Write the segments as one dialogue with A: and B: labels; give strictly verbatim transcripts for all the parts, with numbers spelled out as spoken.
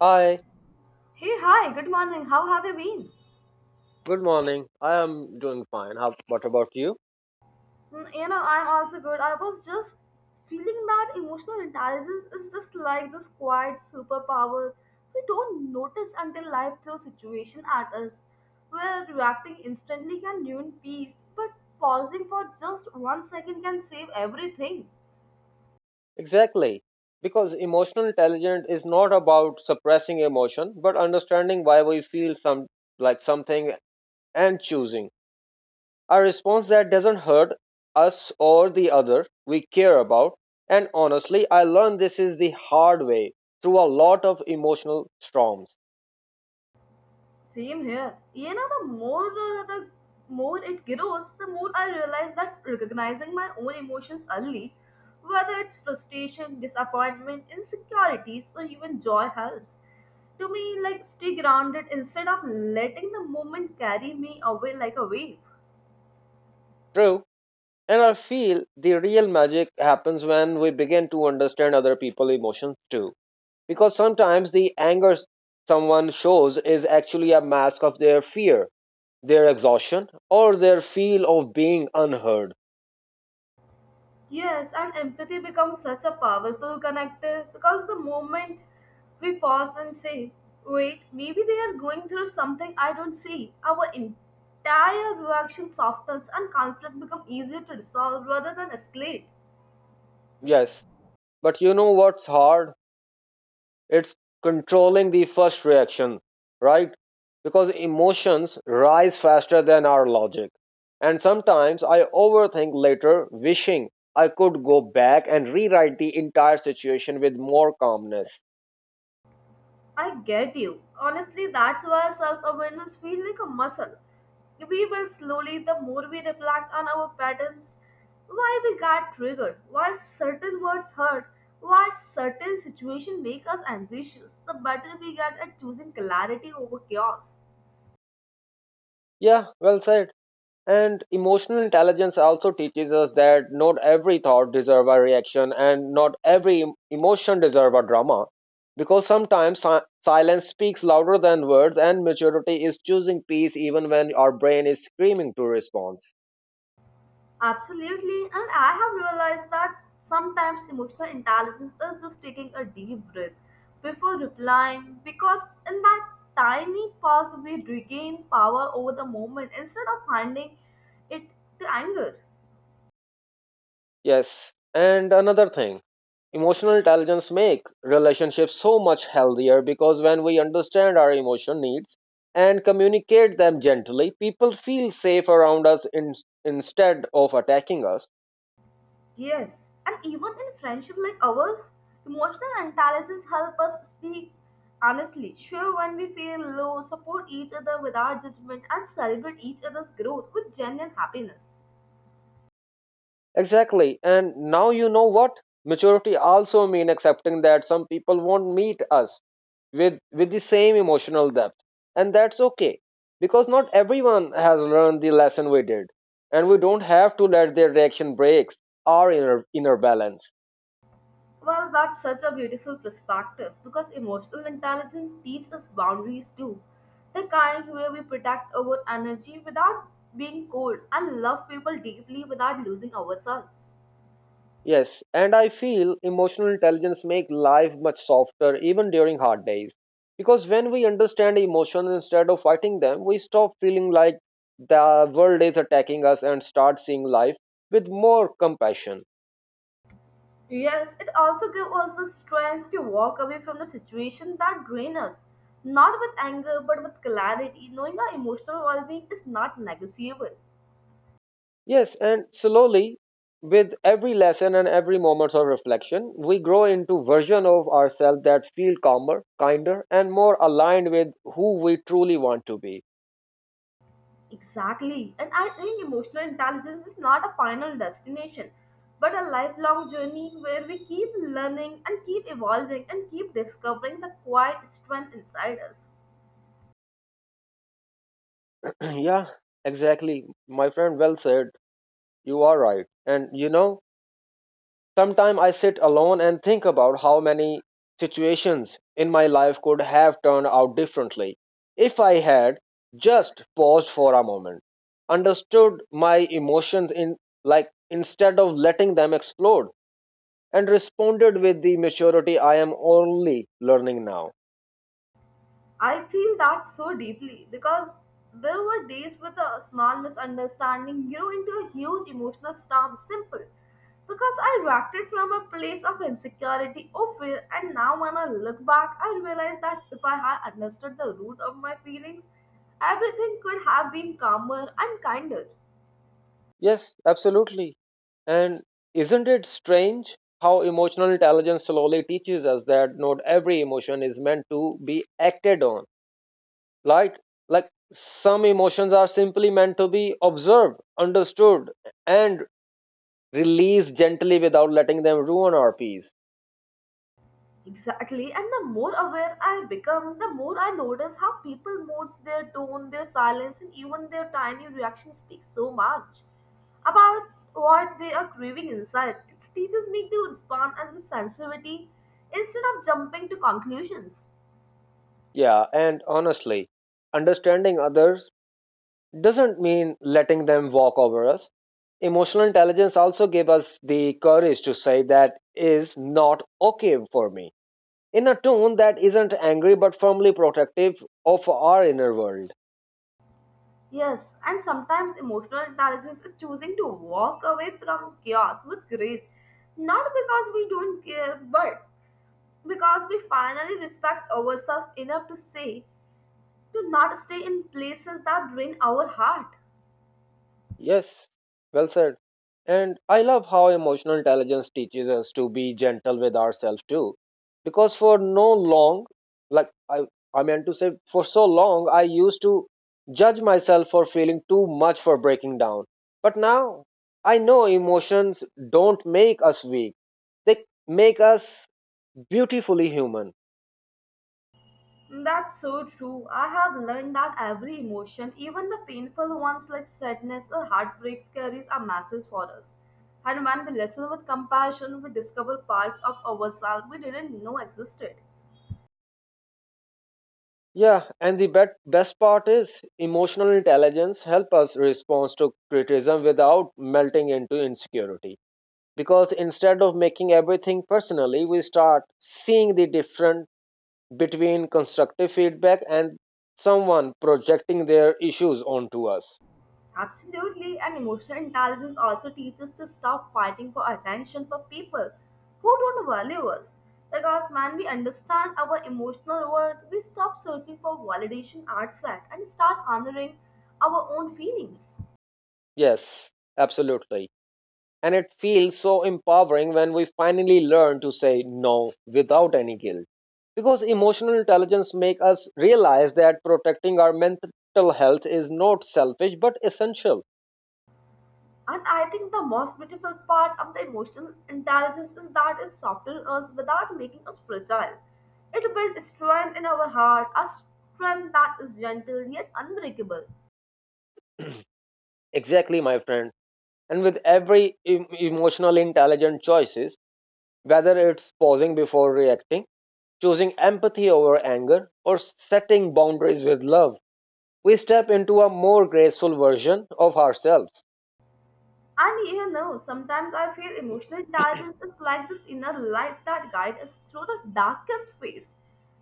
A: Hi,
B: Hey, hi, good morning. How have you been?
A: good morning. I am doing fine. How, what about you?
B: Mm, you know, I'm also good. I was just feeling that emotional intelligence is just like this quiet superpower we don't notice until life throws situation at us. Where reacting instantly can ruin peace, but pausing for just one second can save everything.
A: Exactly. Because emotional intelligence is not about suppressing emotion, but understanding why we feel some like something and choosing a response that doesn't hurt us or the other we care about. And honestly, I learned this is the hard way through a lot of emotional storms.
B: Same here. You know, the more uh, the more it grows, the more I realize that recognizing my own emotions early, whether it's frustration, disappointment, insecurities, or even joy, helps. To me, like stay grounded instead of letting the moment carry me away like a wave.
A: True. And I feel the real magic happens when we begin to understand other people's emotions too. Because sometimes the anger someone shows is actually a mask of their fear, their exhaustion, or their feel of being unheard.
B: Yes, and empathy becomes such a powerful connector because the moment we pause and say, wait, maybe they are going through something I don't see, our entire reaction softens and conflict becomes easier to resolve rather than escalate.
A: Yes, but you know what's hard? It's controlling the first reaction, right? Because emotions rise faster than our logic. And sometimes I overthink later, wishing I could go back and rewrite the entire situation with more calmness.
B: I get you. Honestly, that's why self awareness feels like a muscle. We build slowly the more we reflect on our patterns, why we got triggered, why certain words hurt, why certain situations make us anxious. The better we get at choosing clarity over chaos.
A: Yeah, well said. And emotional intelligence also teaches us that not every thought deserves a reaction and not every em- emotion deserves a drama. Because sometimes si- silence speaks louder than words, and maturity is choosing peace even when our brain is screaming to response.
B: Absolutely, and I have realized that sometimes emotional intelligence is just taking a deep breath before replying because in that tiny pause we regain power over the moment instead of handing it to anger.
A: Yes. And another thing, emotional intelligence make relationships so much healthier because when we understand our emotion needs and communicate them gently, people feel safe around us in, instead of attacking us.
B: Yes, and even in friendship like ours, emotional intelligence help us speak honestly, share when we feel low, support each other without judgment, and celebrate each other's growth with genuine happiness.
A: Exactly. And now you know what? Maturity also mean accepting that some people won't meet us with with the same emotional depth. And that's okay. Because not everyone has learned the lesson we did. And we don't have to let their reaction break our inner inner balance.
B: Well, that's such a beautiful perspective because emotional intelligence teaches us boundaries too. The kind where we protect our energy without being cold and love people deeply without losing ourselves.
A: Yes, and I feel emotional intelligence make life much softer even during hard days. Because when we understand emotions instead of fighting them, we stop feeling like the world is attacking us and start seeing life with more compassion.
B: Yes, it also gives us the strength to walk away from the situation that drain us, not with anger but with clarity, knowing our emotional well being is not negotiable.
A: Yes, and slowly with every lesson and every moment of reflection, we grow into version of ourselves that feel calmer, kinder and more aligned with who we truly want to be.
B: Exactly. And I think emotional intelligence is not a final destination, but a lifelong journey where we keep learning and keep evolving and keep discovering the quiet strength inside us.
A: Yeah, exactly. My friend, well said. You are right. And you know, sometimes I sit alone and think about how many situations in my life could have turned out differently if I had just paused for a moment, understood my emotions in like instead of letting them explode and responded with the maturity I am only learning now.
B: I feel that so deeply because there were days with a small misunderstanding grew into a huge emotional storm, simple. Because I reacted from a place of insecurity or fear, and now when I look back, I realize that if I had understood the root of my feelings, everything could have been calmer and kinder.
A: Yes, absolutely. And isn't it strange how emotional intelligence slowly teaches us that not every emotion is meant to be acted on? Like, like some emotions are simply meant to be observed, understood, and released gently without letting them ruin our peace.
B: Exactly, and the more aware I become, the more I notice how people moods, their tone, their silence, and even their tiny reactions speak so much about what they are craving inside. It teaches me to respond and with sensitivity instead of jumping to conclusions.
A: Yeah, and honestly, understanding others doesn't mean letting them walk over us. Emotional intelligence also gave us the courage to say that is not okay for me in a tone that isn't angry but firmly protective of our inner world.
B: Yes, and sometimes emotional intelligence is choosing to walk away from chaos with grace, not because we don't care, but because we finally respect ourselves enough to say to not stay in places that drain our heart.
A: Yes, well said. And I love how emotional intelligence teaches us to be gentle with ourselves too. Because for no long, like I, I meant to say, for so long, I used to judge myself for feeling too much, for breaking down. But now I know emotions don't make us weak, they make us beautifully human.
B: That's so true. I have learned that every emotion, even the painful ones like sadness or heartbreaks, carries a message for us. And when we listen with compassion, we discover parts of ourselves we didn't know existed.
A: Yeah, and the bet- best part is emotional intelligence help us respond to criticism without melting into insecurity. Because instead of making everything personally, we start seeing the difference between constructive feedback and someone projecting their issues onto us.
B: Absolutely, and emotional intelligence also teaches us to stop fighting for attention for people who don't value us. Because when we understand our emotional worth, we stop searching for validation outside and start honoring our own feelings.
A: Yes, absolutely. And it feels so empowering when we finally learn to say no without any guilt. Because emotional intelligence makes us realize that protecting our mental health is not selfish but essential.
B: And I think the most beautiful part of the emotional intelligence is that it softens us without making us fragile. It builds strength in our heart, a strength that is gentle yet unbreakable.
A: Exactly, my friend. And with every em- emotional intelligent choices, whether it's pausing before reacting, choosing empathy over anger, or setting boundaries with love, we step into a more graceful version of ourselves.
B: And you know, sometimes I feel emotional intelligence is like this inner light that guides us through the darkest phase,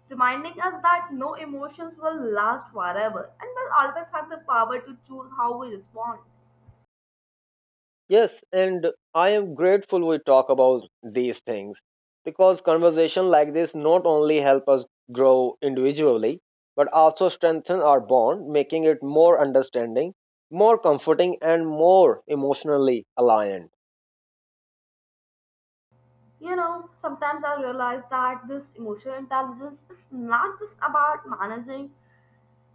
B: reminding us that no emotions will last forever and we'll always have the power to choose how we respond.
A: Yes, and I am grateful we talk about these things because conversation like this not only help us grow individually but also strengthen our bond, making it more understanding, more comforting and more emotionally aligned.
B: You know, sometimes I realize that this emotional intelligence is not just about managing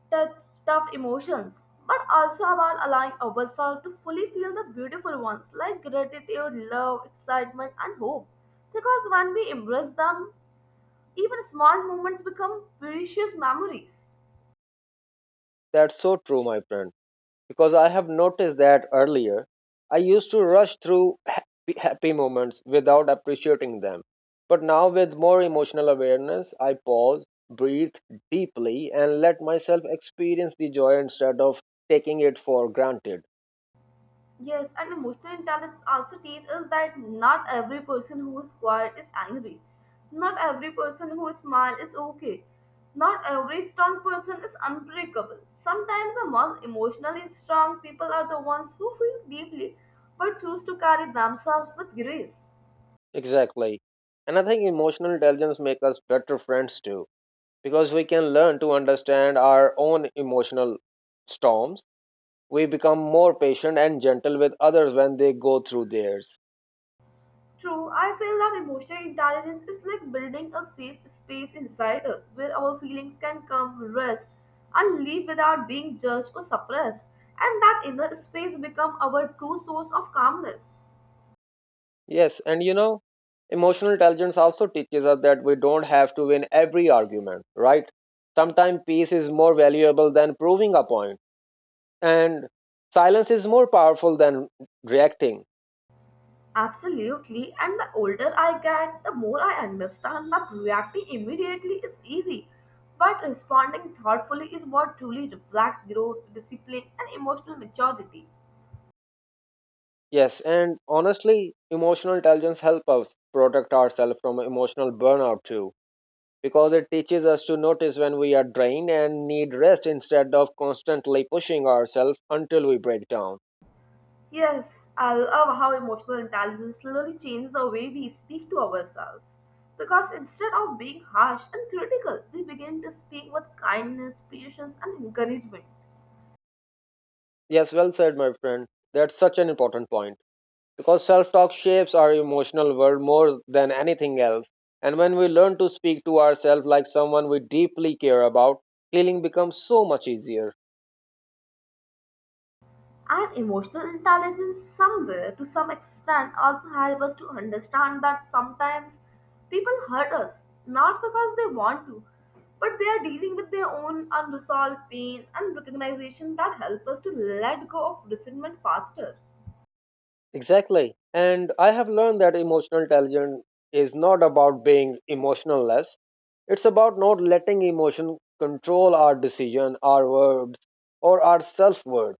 B: the tough emotions, but also about allowing ourselves to fully feel the beautiful ones like gratitude, love, excitement, and hope. Because when we embrace them, even small moments become precious memories.
A: That's so true, my friend. Because I have noticed that earlier I used to rush through happy, happy moments without appreciating them. But now, with more emotional awareness, I pause, breathe deeply, and let myself experience the joy instead of taking it for granted.
B: Yes, and emotional intelligence also teaches us that not every person who is quiet is angry. Not every person who smiles is okay. Not every strong person is unbreakable. Sometimes the most emotionally strong people are the ones who feel deeply but choose to carry themselves with grace.
A: Exactly. And I think emotional intelligence makes us better friends too, because we can learn to understand our own emotional storms. We become more patient and gentle with others when they go through theirs.
B: True, I feel that emotional intelligence is like building a safe space inside us where our feelings can come, rest, and leave without being judged or suppressed, and that inner space become our true source of calmness.
A: Yes, and you know, emotional intelligence also teaches us that we don't have to win every argument, right? Sometimes peace is more valuable than proving a point, and silence is more powerful than reacting.
B: Absolutely, and the older I get, the more I understand that reacting immediately is easy, but responding thoughtfully is what truly reflects growth, discipline, and emotional maturity.
A: Yes, and honestly, emotional intelligence helps us protect ourselves from emotional burnout too, because it teaches us to notice when we are drained and need rest instead of constantly pushing ourselves until we break down.
B: Yes, I love how emotional intelligence slowly changes the way we speak to ourselves. Because instead of being harsh and critical, we begin to speak with kindness, patience, and encouragement.
A: Yes, well said, my friend. That's such an important point. Because self talk shapes our emotional world more than anything else. And when we learn to speak to ourselves like someone we deeply care about, healing becomes so much easier.
B: And emotional intelligence, somewhere to some extent, also help us to understand that sometimes people hurt us not because they want to, but they are dealing with their own unresolved pain and recognition that help us to let go of resentment faster.
A: Exactly. And I have learned that emotional intelligence is not about being emotionless, it's about not letting emotion control our decision, our words, or our self worth.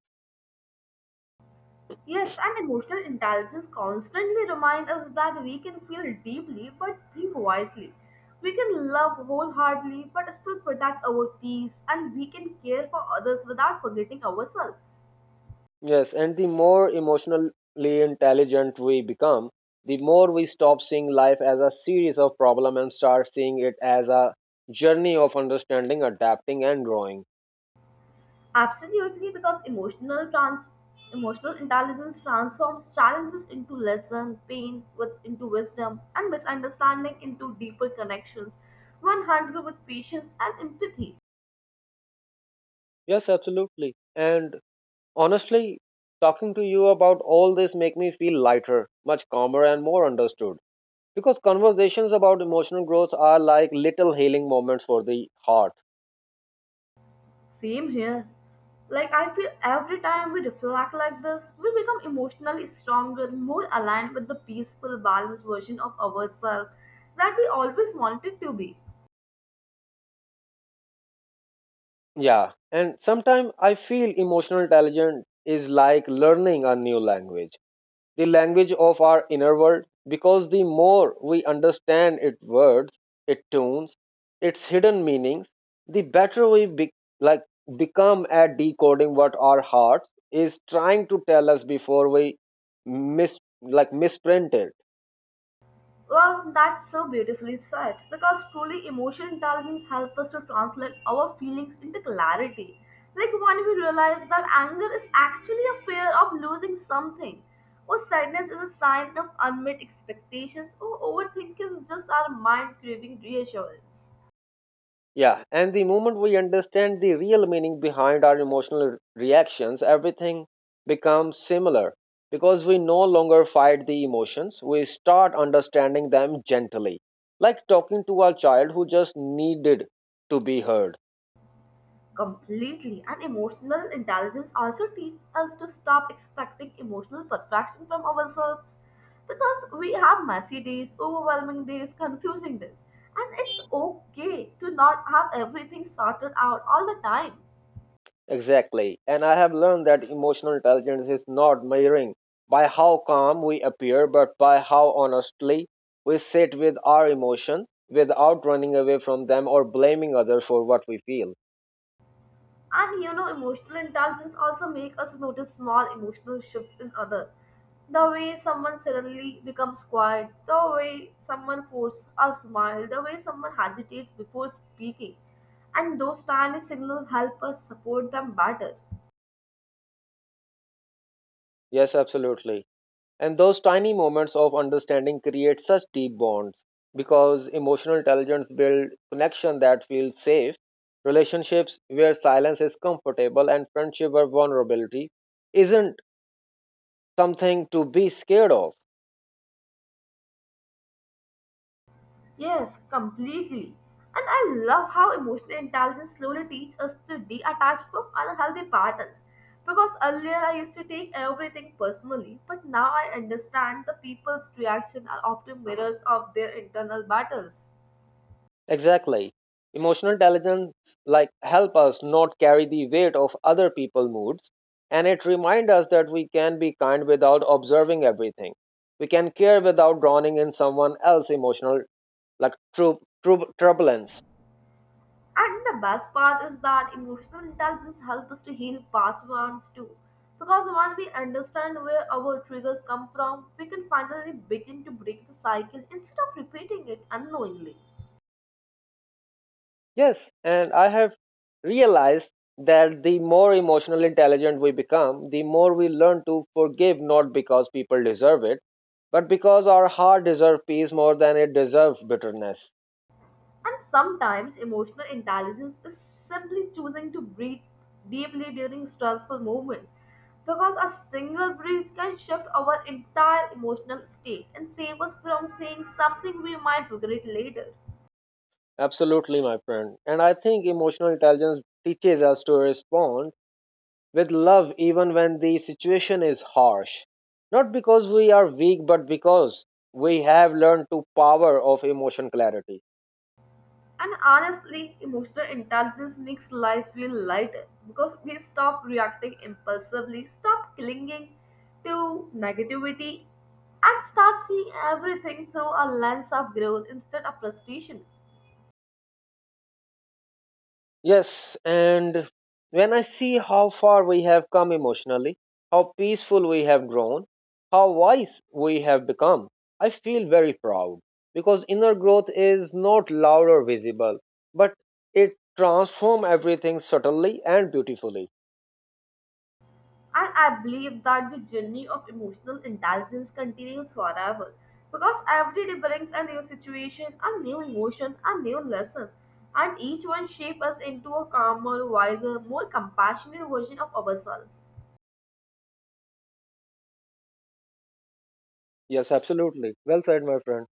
B: Yes, and emotional intelligence constantly reminds us that we can feel deeply but think wisely. We can love wholeheartedly but still protect our peace, and we can care for others without forgetting ourselves.
A: Yes, and the more emotionally intelligent we become, the more we stop seeing life as a series of problems and start seeing it as a journey of understanding, adapting, and growing.
B: Absolutely, because emotional trans emotional intelligence transforms challenges into lesson, pain with into wisdom, and misunderstanding into deeper connections when handled with patience and empathy.
A: Yes, absolutely. And honestly, talking to you about all this make me feel lighter, much calmer, and more understood. Because conversations about emotional growth are like little healing moments for the heart.
B: Same here. Like, I feel every time we reflect like this, we become emotionally stronger, more aligned with the peaceful, balanced version of ourselves that we always wanted to be.
A: Yeah, and sometimes I feel emotional intelligence is like learning a new language, the language of our inner world, because the more we understand its words, its tones, its hidden meanings, the better we be- like become at decoding what our heart is trying to tell us before we mis like misprint it.
B: Well, that's so beautifully said because truly emotional intelligence helps us to translate our feelings into clarity. Like when we realize that anger is actually a fear of losing something, or sadness is a sign of unmet expectations, or overthink is just our mind craving reassurance.
A: Yeah, and the moment we understand the real meaning behind our emotional re- reactions, everything becomes similar because we no longer fight the emotions, we start understanding them gently, like talking to a child who just needed to be heard.
B: Completely. And emotional intelligence also teaches us to stop expecting emotional perfection from ourselves because we have messy days, overwhelming days, confusing days. And it's okay to not have everything sorted out all the time.
A: Exactly, and I have learned that emotional intelligence is not measuring by how calm we appear, but by how honestly we sit with our emotions without running away from them or blaming others for what we feel.
B: And you know, emotional intelligence also make us notice small emotional shifts in other. The way someone suddenly becomes quiet, the way someone forces a smile, the way someone hesitates before speaking. And those tiny signals help us support them better.
A: Yes, absolutely. And those tiny moments of understanding create such deep bonds because emotional intelligence builds connection that feels safe, relationships where silence is comfortable and friendship where vulnerability isn't something to be scared of.
B: Yes, completely. And I love how emotional intelligence slowly teaches us to detach from unhealthy patterns. Because earlier I used to take everything personally, but now I understand the people's reaction are often mirrors of their internal battles.
A: Exactly. Emotional intelligence like help us not carry the weight of other people's moods and it reminds us that we can be kind without observing everything. We can care without drowning in someone else's emotional like trou trou turbulence.
B: And the best part is that emotional intelligence helps us to heal past wounds too. Because once we understand where our triggers come from, we can finally begin to break the cycle instead of repeating it unknowingly.
A: Yes, and I have realized that the more emotional intelligent we become, the more we learn to forgive not because people deserve it, but because our heart deserves peace more than it deserves bitterness.
B: And sometimes emotional intelligence is simply choosing to breathe deeply during stressful moments because a single breath can shift our entire emotional state and save us from saying something we might regret later.
A: Absolutely, my friend. And I think emotional intelligence teaches us to respond with love even when the situation is harsh. Not because we are weak, but because we have learned to power of emotion clarity.
B: And honestly, emotional intelligence makes life feel lighter because we stop reacting impulsively, stop clinging to negativity, and start seeing everything through a lens of growth instead of frustration.
A: Yes, and when I see how far we have come emotionally, how peaceful we have grown, how wise we have become, I feel very proud because inner growth is not loud or visible, but it transforms everything subtly and beautifully.
B: And I believe that the journey of emotional intelligence continues forever because every day brings a new situation, a new emotion, a new lesson, and each one shapes us into a calmer, wiser, more compassionate version of ourselves.
A: Yes, absolutely. Well said, my friend.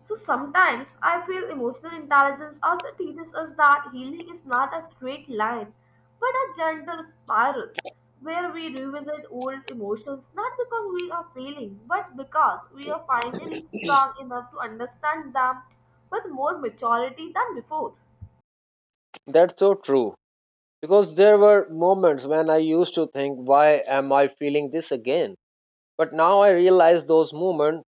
B: So sometimes I feel emotional intelligence also teaches us that healing is not a straight line, but a gentle spiral where we revisit old emotions not because we are failing, but because we are finally strong enough to understand them with more maturity than before.
A: That's so true because there were moments when I used to think, why am I feeling this again? But now I realize those moments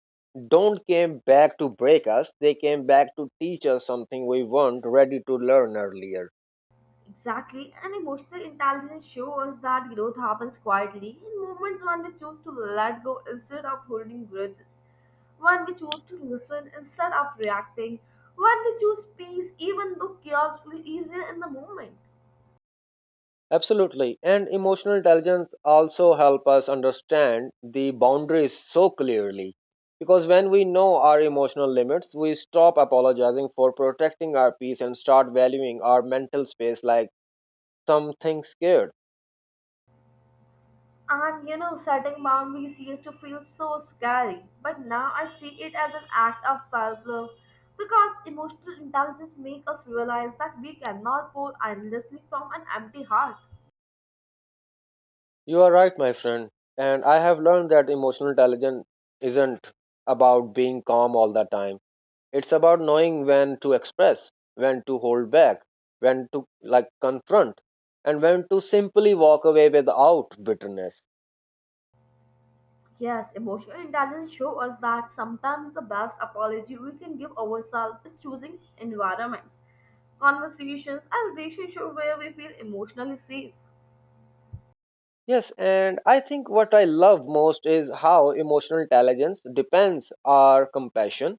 A: don't came back to break us. They came back to teach us something we weren't ready to learn earlier.
B: Exactly, and emotional intelligence shows that growth happens quietly in moments when we choose to let go instead of holding grudges, when we choose to listen instead of reacting, when we choose peace even though chaos feels easier in the moment.
A: Absolutely. And emotional intelligence also help us understand the boundaries so clearly. Because when we know our emotional limits, we stop apologizing for protecting our peace and start valuing our mental space like something scared.
B: And you know, setting boundaries used to feel so scary, but now I see it as an act of self love because emotional intelligence makes us realize that we cannot pour endlessly from an empty heart.
A: You are right, my friend. And I have learned that emotional intelligence isn't about being calm all the time. It's about knowing when to express, when to hold back, when to like confront, and when to simply walk away without bitterness.
B: Yes, emotional intelligence shows us that sometimes the best apology we can give ourselves is choosing environments, conversations, and relationships where we feel emotionally safe.
A: Yes, and I think what I love most is how emotional intelligence depends our compassion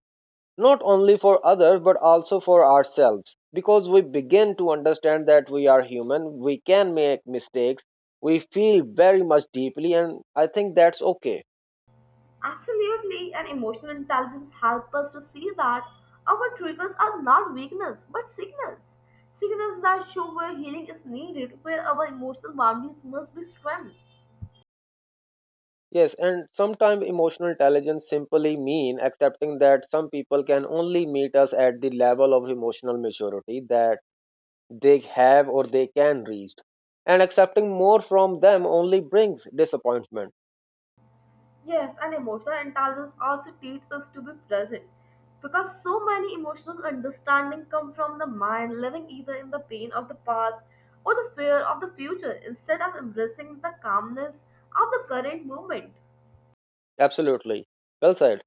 A: not only for others but also for ourselves, because we begin to understand that we are human, we can make mistakes, we feel very much deeply, and I think that's okay.
B: Absolutely, and emotional intelligence helps us to see that our triggers are not weakness but signals. Signals that show where healing is needed, where our emotional boundaries must be strengthened.
A: Yes, and sometimes emotional intelligence simply mean accepting that some people can only meet us at the level of emotional maturity that they have or they can reach, and accepting more from them only brings disappointment.
B: Yes, and emotional intelligence also teaches us to be present because so many emotional understanding come from the mind living either in the pain of the past or the fear of the future instead of embracing the calmness of the current moment.
A: Absolutely, well said.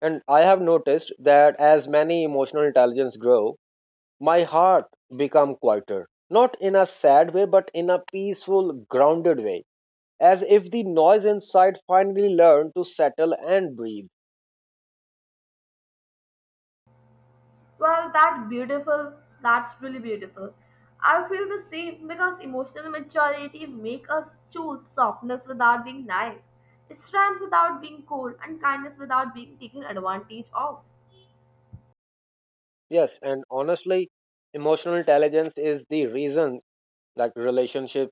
A: And I have noticed that as many emotional intelligence grow, my heart become quieter. Not in a sad way, but in a peaceful, grounded way. As if the noise inside finally learned to settle and breathe.
B: Well, that beautiful, that's really beautiful. I feel the same because emotional maturity make us choose softness without being naive, strength without being cold, and kindness without being taken advantage of.
A: Yes, and honestly, emotional intelligence is the reason, like, relationships,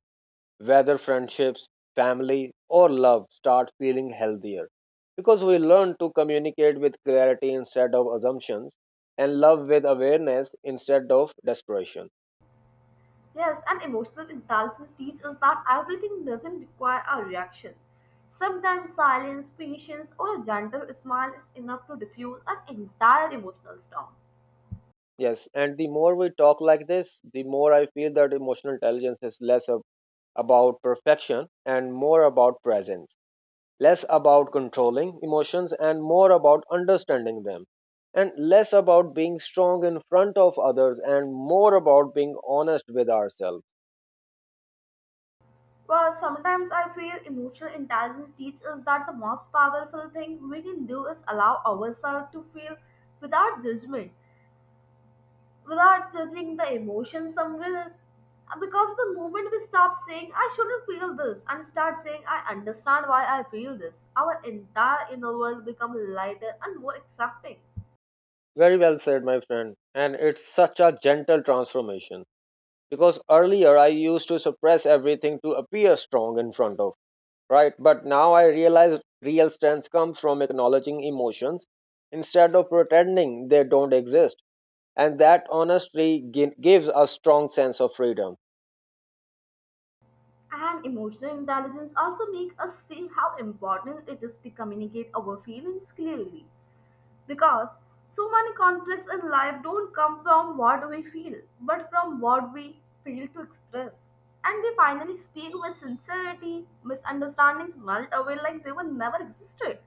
A: whether friendships, family, or love, start feeling healthier because we learn to communicate with clarity instead of assumptions and love with awareness instead of desperation.
B: Yes, and emotional intelligence teaches us that everything doesn't require a reaction. Sometimes silence, patience, or a gentle smile is enough to diffuse an entire emotional storm.
A: Yes, and the more we talk like this, the more I feel that emotional intelligence is less ab- about perfection and more about presence, less about controlling emotions and more about understanding them, and less about being strong in front of others and more about being honest with ourselves.
B: Well, sometimes I feel emotional intelligence teaches us that the most powerful thing we can do is allow ourselves to feel without judgment. Without judging the emotions somewhere. Uh, because the moment we stop saying I shouldn't feel this and start saying I understand why I feel this, our entire inner world becomes lighter and more accepting.
A: Very well said, my friend. And it's such a gentle transformation, because earlier I used to suppress everything to appear strong in front of, right? But now I realize real strength comes from acknowledging emotions instead of pretending they don't exist. And that honesty gi- gives a strong sense of freedom.
B: And emotional intelligence also make us see how important it is to communicate our feelings clearly. Because so many conflicts in life don't come from what we feel, but from what we fail to express. And they finally speak with sincerity, misunderstandings melt away like they were never existed.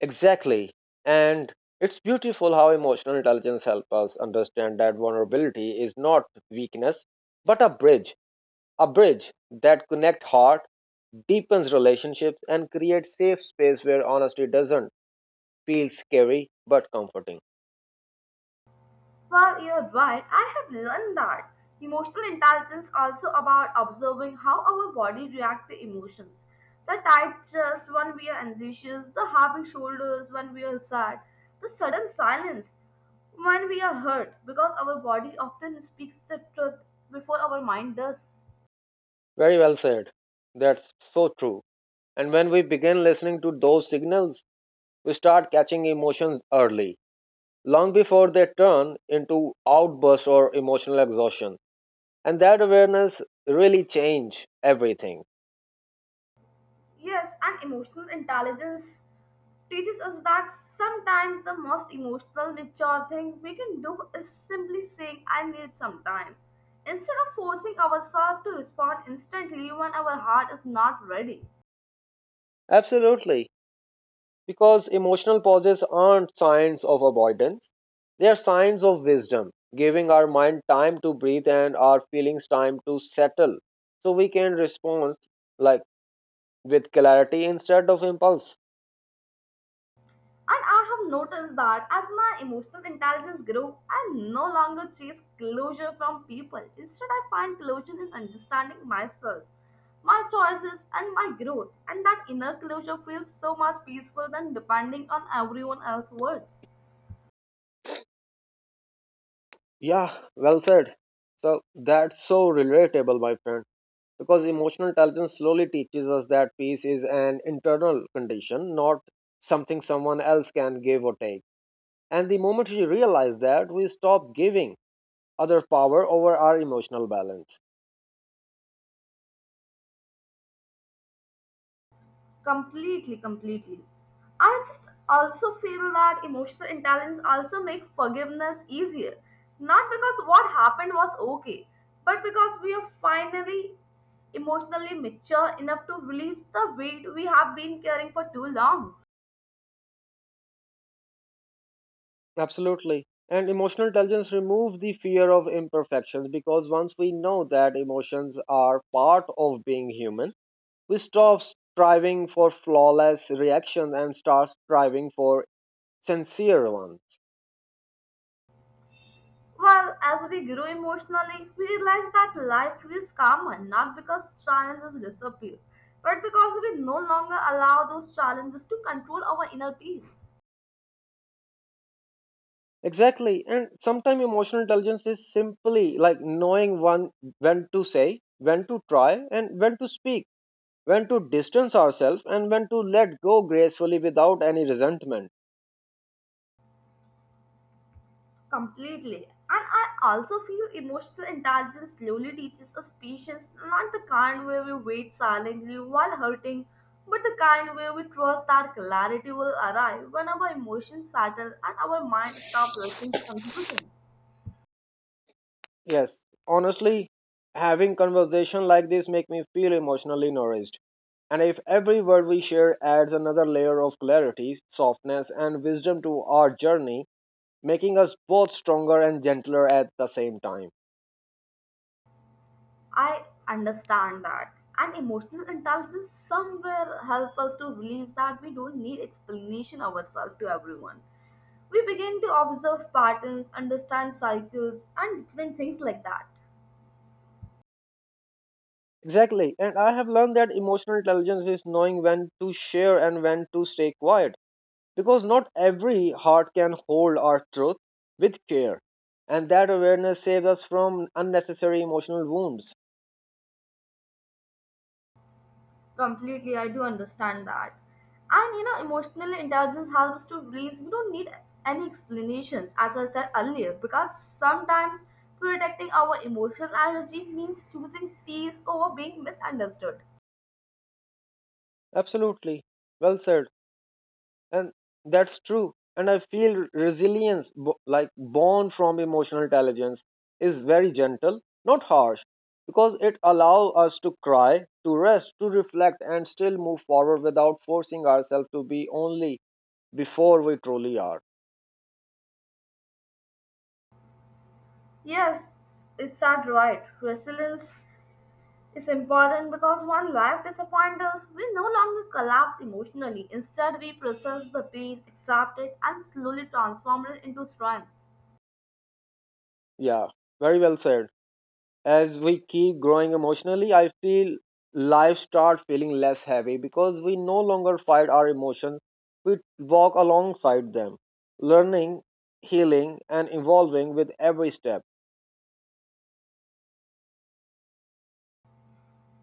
A: Exactly. And it's beautiful how emotional intelligence helps us understand that vulnerability is not weakness, but a bridge, a bridge that connects heart, deepens relationships, and creates safe space where honesty doesn't feel scary but comforting.
B: Well, you're right. I have learned that emotional intelligence also about observing how our body react to emotions. The tight chest when we are anxious, the heavy shoulders when we are sad, the sudden silence when we are hurt, because our body often speaks the truth before our mind does.
A: Very well said. That's so true. And when we begin listening to those signals, we start catching emotions early, long before they turn into outbursts or emotional exhaustion. And that awareness really change everything.
B: Yes, and emotional intelligence teaches us that sometimes the most emotional, mature thing we can do is simply saying, I need some time, instead of forcing ourselves to respond instantly when our heart is not ready.
A: Absolutely. Because emotional pauses aren't signs of avoidance, they are signs of wisdom, giving our mind time to breathe and our feelings time to settle so we can respond, like, with clarity instead of impulse.
B: And I have noticed that as my emotional intelligence grew, I no longer chase closure from people. Instead, I find closure in understanding myself, my choices, and my growth. And that inner closure feels so much peaceful than depending on everyone else's words.
A: Yeah, well said. So that's so relatable, my friend. Because emotional intelligence slowly teaches us that peace is an internal condition, not something someone else can give or take. And the moment we realize that, we stop giving other power over our emotional balance.
B: Completely, completely. I just also feel that emotional intelligence also make forgiveness easier. Not because what happened was okay, but because we are finally emotionally mature enough to release the weight we have been carrying for too long.
A: Absolutely. And emotional intelligence removes the fear of imperfections, because once we know that emotions are part of being human, we stop striving for flawless reactions and start striving for sincere ones.
B: Well, as we grow emotionally, we realize that life feels calmer not because challenges disappear, but because we no longer allow those challenges to control our inner peace.
A: Exactly. And sometimes emotional intelligence is simply like knowing one, when to say, when to try, and when to speak, when to distance ourselves, and when to let go gracefully without any resentment.
B: Completely. And I also feel emotional intelligence slowly teaches us patience, not the kind where we wait silently while hurting, but the kind where we trust that clarity will arrive when our emotions settle and our mind stop rushing to conclusions.
A: Yes, honestly, having conversation like this make me feel emotionally nourished. And if every word we share adds another layer of clarity, softness, and wisdom to our journey, making us both stronger and gentler at the same time.
B: I understand that. And emotional intelligence somewhere help us to release that we don't need explanation ourselves to everyone. We begin to observe patterns, understand cycles, and different things like that.
A: Exactly, and I have learned that emotional intelligence is knowing when to share and when to stay quiet, because not every heart can hold our truth with care, and that awareness saves us from unnecessary emotional wounds.
B: Completely, I do understand that. And you know, emotional intelligence helps to realize we don't need any explanations, as I said earlier, because sometimes protecting our emotional energy means choosing peace over being misunderstood.
A: Absolutely, well said. And that's true, and I feel resilience, bo- like, born from emotional intelligence, is very gentle, not harsh, because it allows us to cry, to rest, to reflect, and still move forward without forcing ourselves to be only before we truly are.
B: Yes, it's that right. Resilience is important because when life disappoints us, we no longer collapse emotionally. Instead, we process the pain, accept it, and slowly transform it into strength.
A: Yeah, very well said. As we keep growing emotionally, I feel life starts feeling less heavy because we no longer fight our emotions, we walk alongside them, learning, healing, and evolving with every step.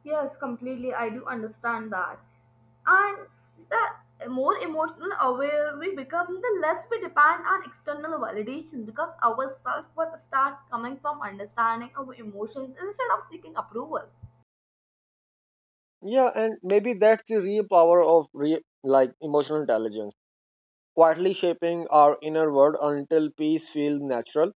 B: Yes, completely. I do understand that. And the more emotional aware we become, the less we depend on external validation because our self worth start coming from understanding our emotions instead of seeking approval.
A: Yeah, and maybe that's the real power of re- like emotional intelligence, quietly shaping our inner world until peace feels natural,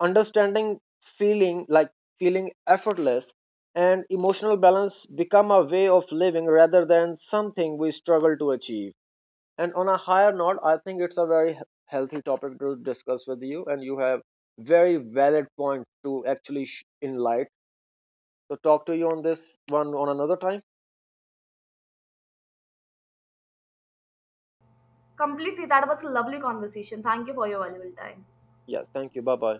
A: understanding feeling like, feeling effortless, and emotional balance become a way of living rather than something we struggle to achieve. And on a higher note, I think it's a very healthy topic to discuss with you, and you have very valid points to actually sh- enlighten. So talk to you on this one on another time.
B: Completely, that was a lovely conversation. Thank you for your valuable time.
A: Yes, thank you. Bye bye.